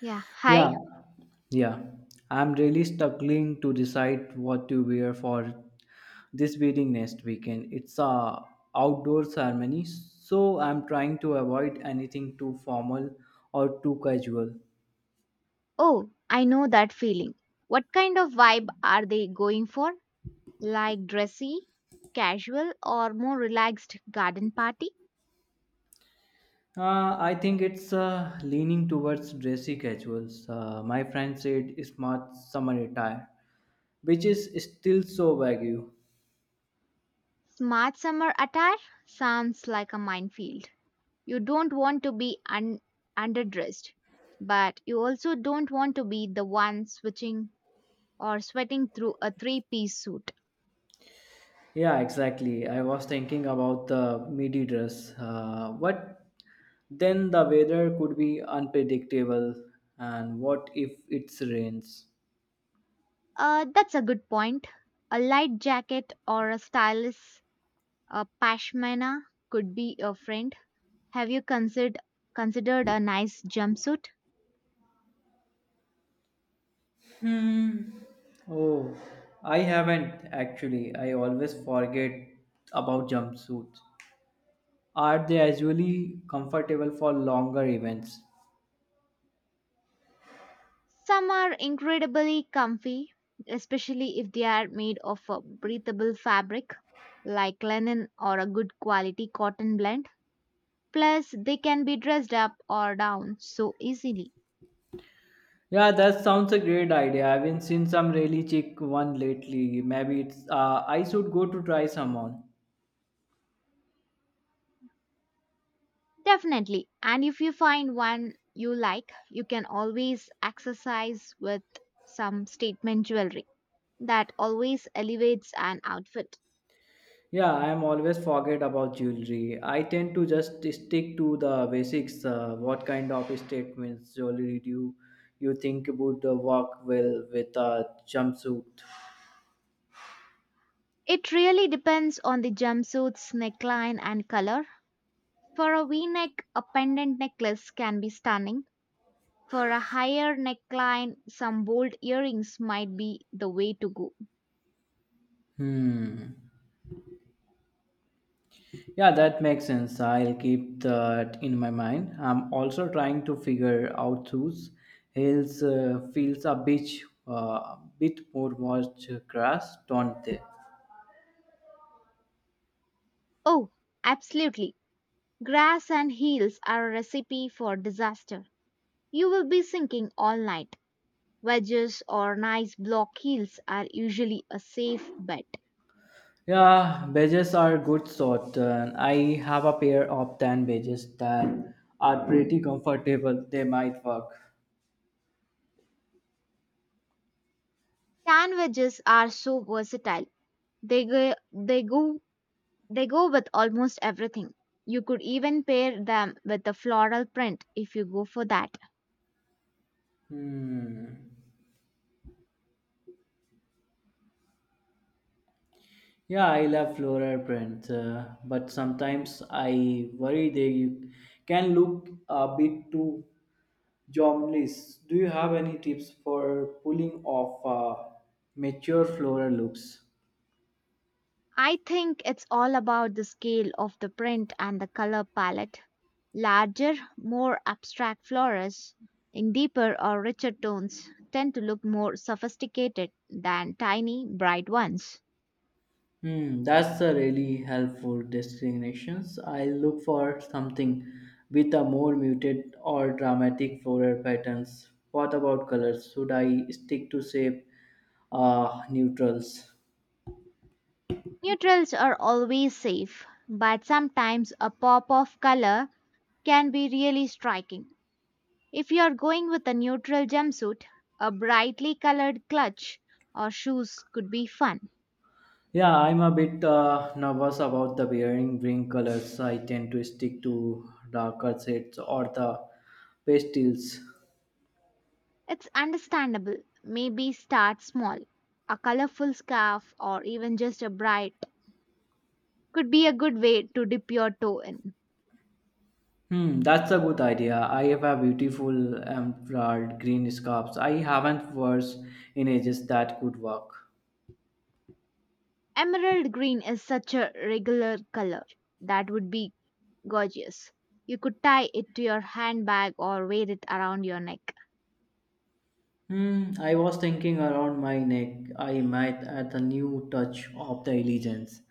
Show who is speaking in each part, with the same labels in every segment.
Speaker 1: Yeah. Hi.
Speaker 2: Yeah, yeah. I'm really struggling to decide what to wear for this wedding next weekend. It's a outdoor ceremony, so I'm trying to avoid anything too formal or too casual.
Speaker 1: Oh, I know that feeling. What kind of vibe are they going for? Like dressy, casual, or more relaxed garden party?
Speaker 2: I think it's leaning towards dressy casuals. My friend said smart summer attire, which is still so vague.
Speaker 1: Smart summer attire sounds like a minefield. You don't want to be underdressed, but you also don't want to be the one switching or sweating through a three-piece suit.
Speaker 2: Yeah, exactly. I was thinking about the midi dress, but then the weather could be unpredictable. And what if it rains?
Speaker 1: That's a good point. A light jacket or a stylish pashmina could be your friend. Have you considered a nice jumpsuit?
Speaker 2: Oh, I haven't actually. I always forget about jumpsuits. Are they usually comfortable for longer events?
Speaker 1: Some are incredibly comfy, especially if they are made of a breathable fabric like linen or a good quality cotton blend. Plus, they can be dressed up or down so easily.
Speaker 2: Yeah, that sounds a great idea. I've been seeing some really chic one lately. Maybe it's I should go to try some on.
Speaker 1: Definitely. And if you find one you like, you can always accessorize with some statement jewelry that always elevates an outfit.
Speaker 2: Yeah, I am always forget about jewelry. I tend to just stick to the basics. What kind of statements jewelry do you think would work well with a jumpsuit?
Speaker 1: It really depends on the jumpsuit's neckline and color. For a V neck, a pendant necklace can be stunning. For a higher neckline, some bold earrings might be the way to go.
Speaker 2: Hmm. Yeah, that makes sense. I'll keep that in my mind. I'm also trying to figure out whose heels feels a bit, bit more much crash, don't they?
Speaker 1: Oh, absolutely. Grass and heels are a recipe for disaster. You will be sinking all night. Wedges or nice block heels are usually a safe bet.
Speaker 2: Yeah, badges are good sort. And I have a pair of tan badges that are pretty comfortable. They might work.
Speaker 1: Tan wedges are so versatile. They go They go with almost everything. You could even pair them with a floral print if you go for that.
Speaker 2: Hmm. Yeah, I love floral prints, but sometimes I worry they can look a bit too jobless. Do you have any tips for pulling off mature floral looks?
Speaker 1: I think it's all about the scale of the print and the color palette. Larger, more abstract flowers in deeper or richer tones tend to look more sophisticated than tiny, bright ones.
Speaker 2: Hmm, that's a really helpful discriminations. I look for something with a more muted or dramatic floral patterns. What about colors? Should I stick to say neutrals?
Speaker 1: Neutrals are always safe, but sometimes a pop of color can be really striking. If you're going with a neutral jumpsuit, a brightly colored clutch or shoes could be fun.
Speaker 2: Yeah, I'm a bit nervous about the wearing Bring colors. I tend to stick to darker shades or the pastels.
Speaker 1: It's understandable. Maybe start small. A colorful scarf or even just a bright could be a good way to dip your toe in.
Speaker 2: Hmm, that's a good idea. I have a beautiful emerald green scarf. I haven't worn in ages that could work.
Speaker 1: Emerald green is such a regular color. That would be gorgeous. You could tie it to your handbag or wear it around your neck.
Speaker 2: Hmm, I was thinking around my neck. I might add a new touch of the elegance.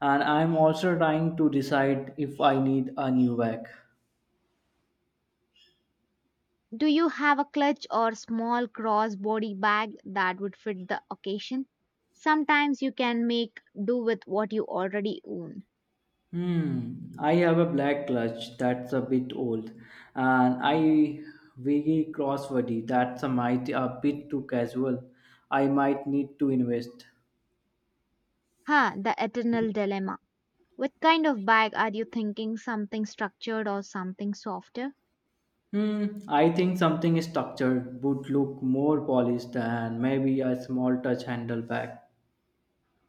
Speaker 2: And I'm also trying to decide if I need a new bag.
Speaker 1: Do you have a clutch or small crossbody bag that would fit the occasion? Sometimes you can make do with what you already own.
Speaker 2: Hmm, I have a black clutch that's a bit old, and I wiggy crosswordy that's a might a bit too casual. I might need to invest.
Speaker 1: Ha, the eternal dilemma. What kind of bag are you thinking? Something structured or something softer?
Speaker 2: Hmm, I think something structured would look more polished than maybe a small touch handle bag.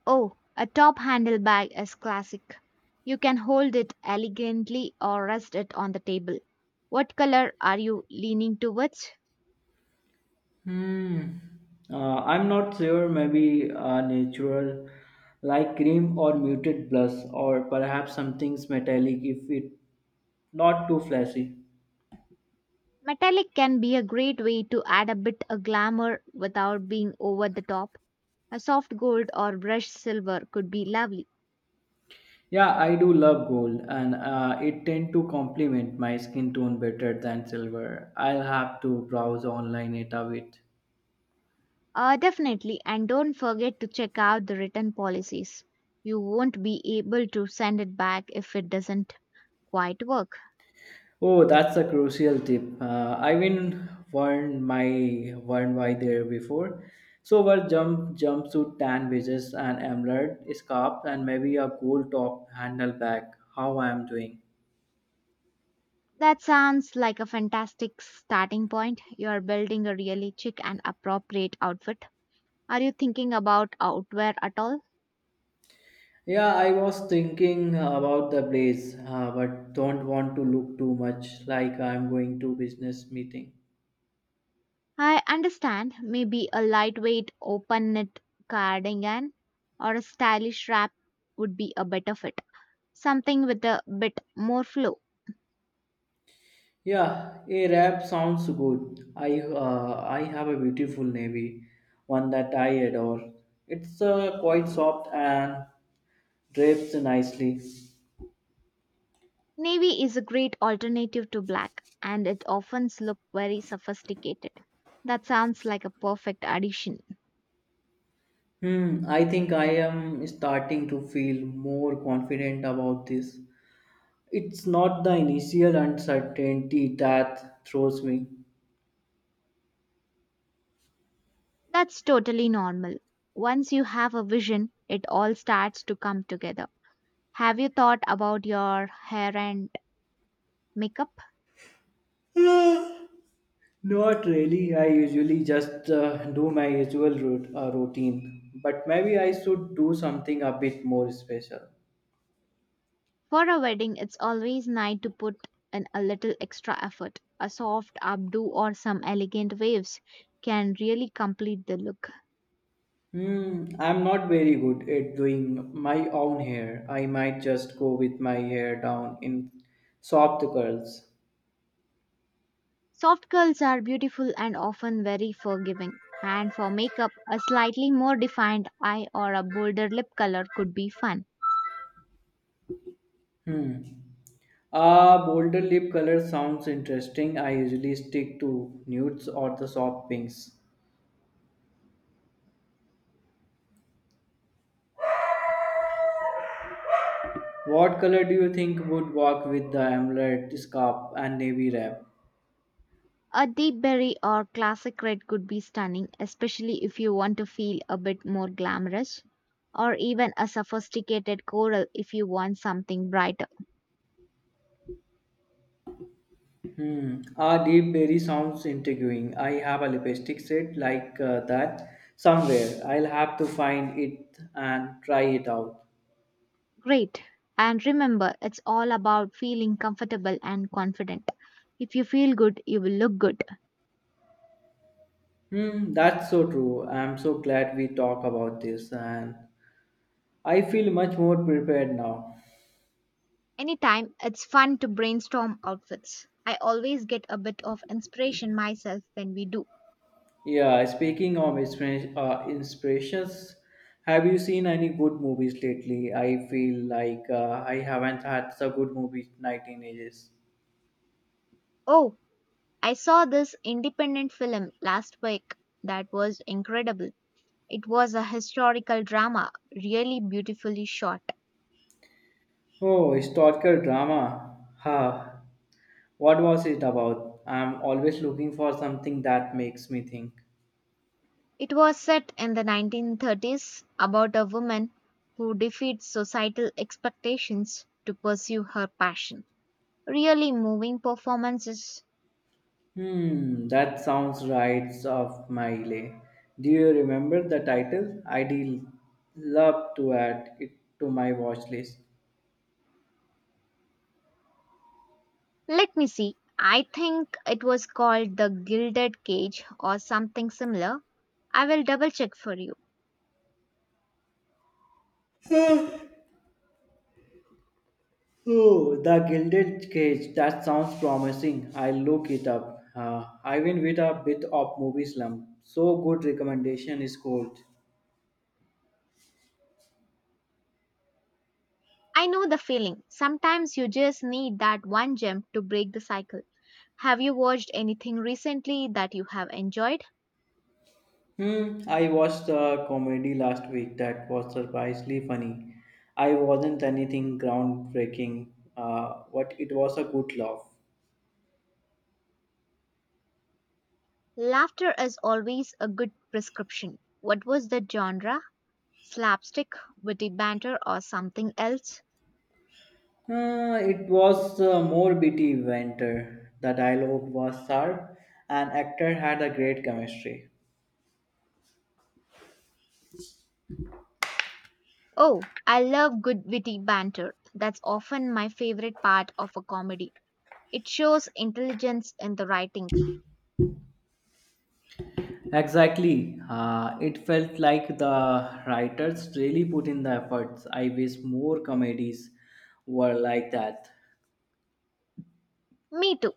Speaker 1: Oh, a top handle bag is classic. You can hold it elegantly or rest it on the table. What color are you leaning towards?
Speaker 2: Hmm. I'm not sure. Maybe a natural, like cream or muted blush, or perhaps something metallic if it not too flashy.
Speaker 1: Metallic can be a great way to add a bit of glamour without being over the top. A soft gold or brushed silver could be lovely.
Speaker 2: Yeah, I do love gold, and it tend to complement my skin tone better than silver. I'll have to browse online it a bit.
Speaker 1: Definitely, and don't forget to check out the return policies. You won't be able to send it back if it doesn't quite work.
Speaker 2: Oh, that's a crucial tip. I even warned my warned why there before. So wear jumpsuit, tan wedges, and emerald scarf, and maybe a gold top handle bag. How I am doing?
Speaker 1: That sounds like a fantastic starting point. You're building a really chic and appropriate outfit. Are you thinking about outwear at all?
Speaker 2: Yeah, I was thinking about the blaze, but don't want to look too much like I'm going to business meeting.
Speaker 1: I understand, maybe a lightweight open knit cardigan or a stylish wrap would be a better fit. Something with a bit more flow.
Speaker 2: Yeah, a rap sounds good. I have a beautiful navy, one that I adore. It's quite soft and drapes nicely.
Speaker 1: Navy is a great alternative to black, and it often looks very sophisticated. That sounds like a perfect addition.
Speaker 2: Hmm, I think I am starting to feel more confident about this. It's not the initial uncertainty that throws me.
Speaker 1: That's totally normal. Once you have a vision, it all starts to come together. Have you thought about your hair and makeup?
Speaker 2: Not really. I usually just do my usual routine, but maybe I should do something a bit more special.
Speaker 1: For a wedding, it's always nice to put in a little extra effort. A soft updo or some elegant waves can really complete the look.
Speaker 2: Hmm, I'm not very good at doing my own hair. I might just go with my hair down in soft curls.
Speaker 1: Soft curls are beautiful and often very forgiving, and for makeup, a slightly more defined eye or a bolder lip color could be fun.
Speaker 2: Hmm. Ah, bolder lip color sounds interesting. I usually stick to nudes or the soft pinks. What color do you think would work with the emerald scarf and navy wrap?
Speaker 1: A deep berry or classic red could be stunning, especially if you want to feel a bit more glamorous, or even a sophisticated coral if you want something brighter.
Speaker 2: Hmm. Ah, deep berry sounds intriguing. I have a lipstick set like that somewhere. I'll have to find it and try it out.
Speaker 1: Great! And remember, it's all about feeling comfortable and confident. If you feel good, you will look good.
Speaker 2: Hmm, that's so true. I'm so glad we talk about this and I feel much more prepared now.
Speaker 1: Anytime, it's fun to brainstorm outfits. I always get a bit of inspiration myself when we do.
Speaker 2: Yeah, speaking of inspirations, have you seen any good movies lately? I feel like I haven't had a good movie night in ages.
Speaker 1: Oh, I saw this independent film last week that was incredible. It was a historical drama, really beautifully shot.
Speaker 2: Oh, historical drama. Ha. What was it about? I'm always looking for something that makes me think.
Speaker 1: It was set in the 1930s, about a woman who defeats societal expectations to pursue her passion. Really moving performances.
Speaker 2: Hmm, that sounds right off my alley. Do you remember the title? I'd love to add it to my watch list.
Speaker 1: Let me see. I think it was called the Gilded Cage or something similar. I will double check for you.
Speaker 2: Oh, The Gilded Cage. That sounds promising. I'll look it up. I've been with a bit of movie slump. So good recommendation is gold.
Speaker 1: I know the feeling. Sometimes you just need that one gem to break the cycle. Have you watched anything recently that you have enjoyed?
Speaker 2: Hmm, I watched a comedy last week that was surprisingly funny. I wasn't anything groundbreaking, but it was a good laugh.
Speaker 1: Laughter is always a good prescription. What was the genre? Slapstick, witty banter, or something else?
Speaker 2: It was a more bitty banter. The dialogue was sharp, and actor had a great chemistry.
Speaker 1: Oh, I love good witty banter. That's often my favorite part of a comedy. It shows intelligence in the writing.
Speaker 2: Exactly. It felt like the writers really put in the efforts. I wish more comedies were like that.
Speaker 1: Me too.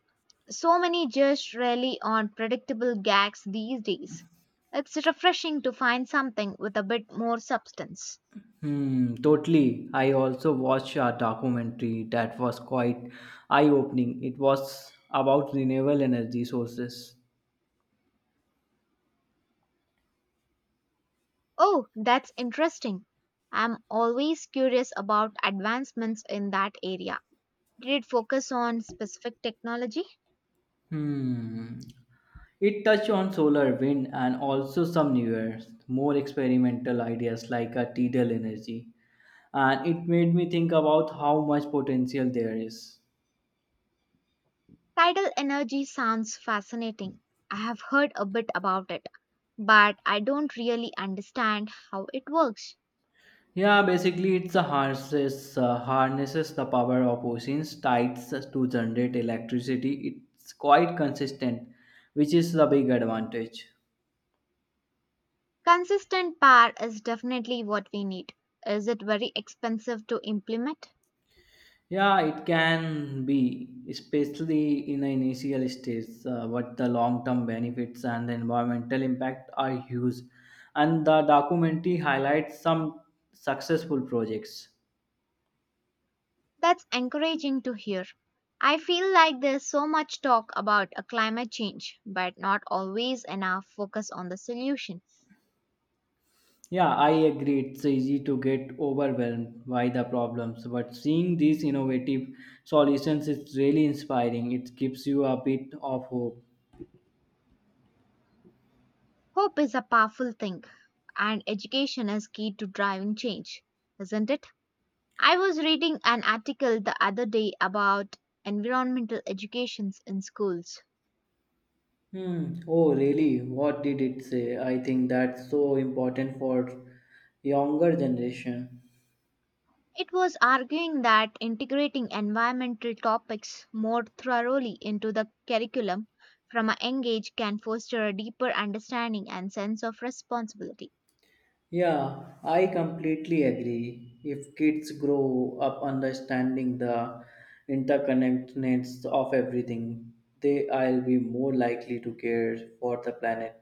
Speaker 1: So many just rely on predictable gags these days. It's refreshing to find something with a bit more substance.
Speaker 2: Hmm, totally. I also watched a documentary that was quite eye-opening. It was about renewable energy sources.
Speaker 1: Oh, that's interesting. I'm always curious about advancements in that area. Did it focus on specific technology?
Speaker 2: Hmm. It touched on solar, wind, and also some newer, more experimental ideas like a tidal energy. And it made me think about how much potential there is.
Speaker 1: Tidal energy sounds fascinating. I have heard a bit about it, but I don't really understand how it works.
Speaker 2: Yeah, basically, it's a harnesses the power of oceans, tides to generate electricity. It's quite consistent, which is the big advantage.
Speaker 1: Consistent power is definitely what we need. Is it very expensive to implement?
Speaker 2: Yeah, it can be, especially in the initial stages, but the long term benefits and the environmental impact are huge. And the documentary highlights some successful projects.
Speaker 1: That's encouraging to hear. I feel like there's so much talk about a climate change, but not always enough focus on the solution.
Speaker 2: Yeah, I agree. It's easy to get overwhelmed by the problems, but seeing these innovative solutions is really inspiring. It gives you a bit of hope.
Speaker 1: Hope is a powerful thing, and education is key to driving change, isn't it? I was reading an article the other day about environmental educations in schools.
Speaker 2: Hmm. Oh, really? What did it say? I think that's so important for younger generation.
Speaker 1: It was arguing that integrating environmental topics more thoroughly into the curriculum from a young age can foster a deeper understanding and sense of responsibility.
Speaker 2: Yeah, I completely agree. If kids grow up understanding the interconnectedness of everything, they I'll be more likely to care for the planet.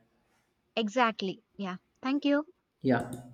Speaker 1: Exactly. Yeah. Thank you.
Speaker 2: Yeah.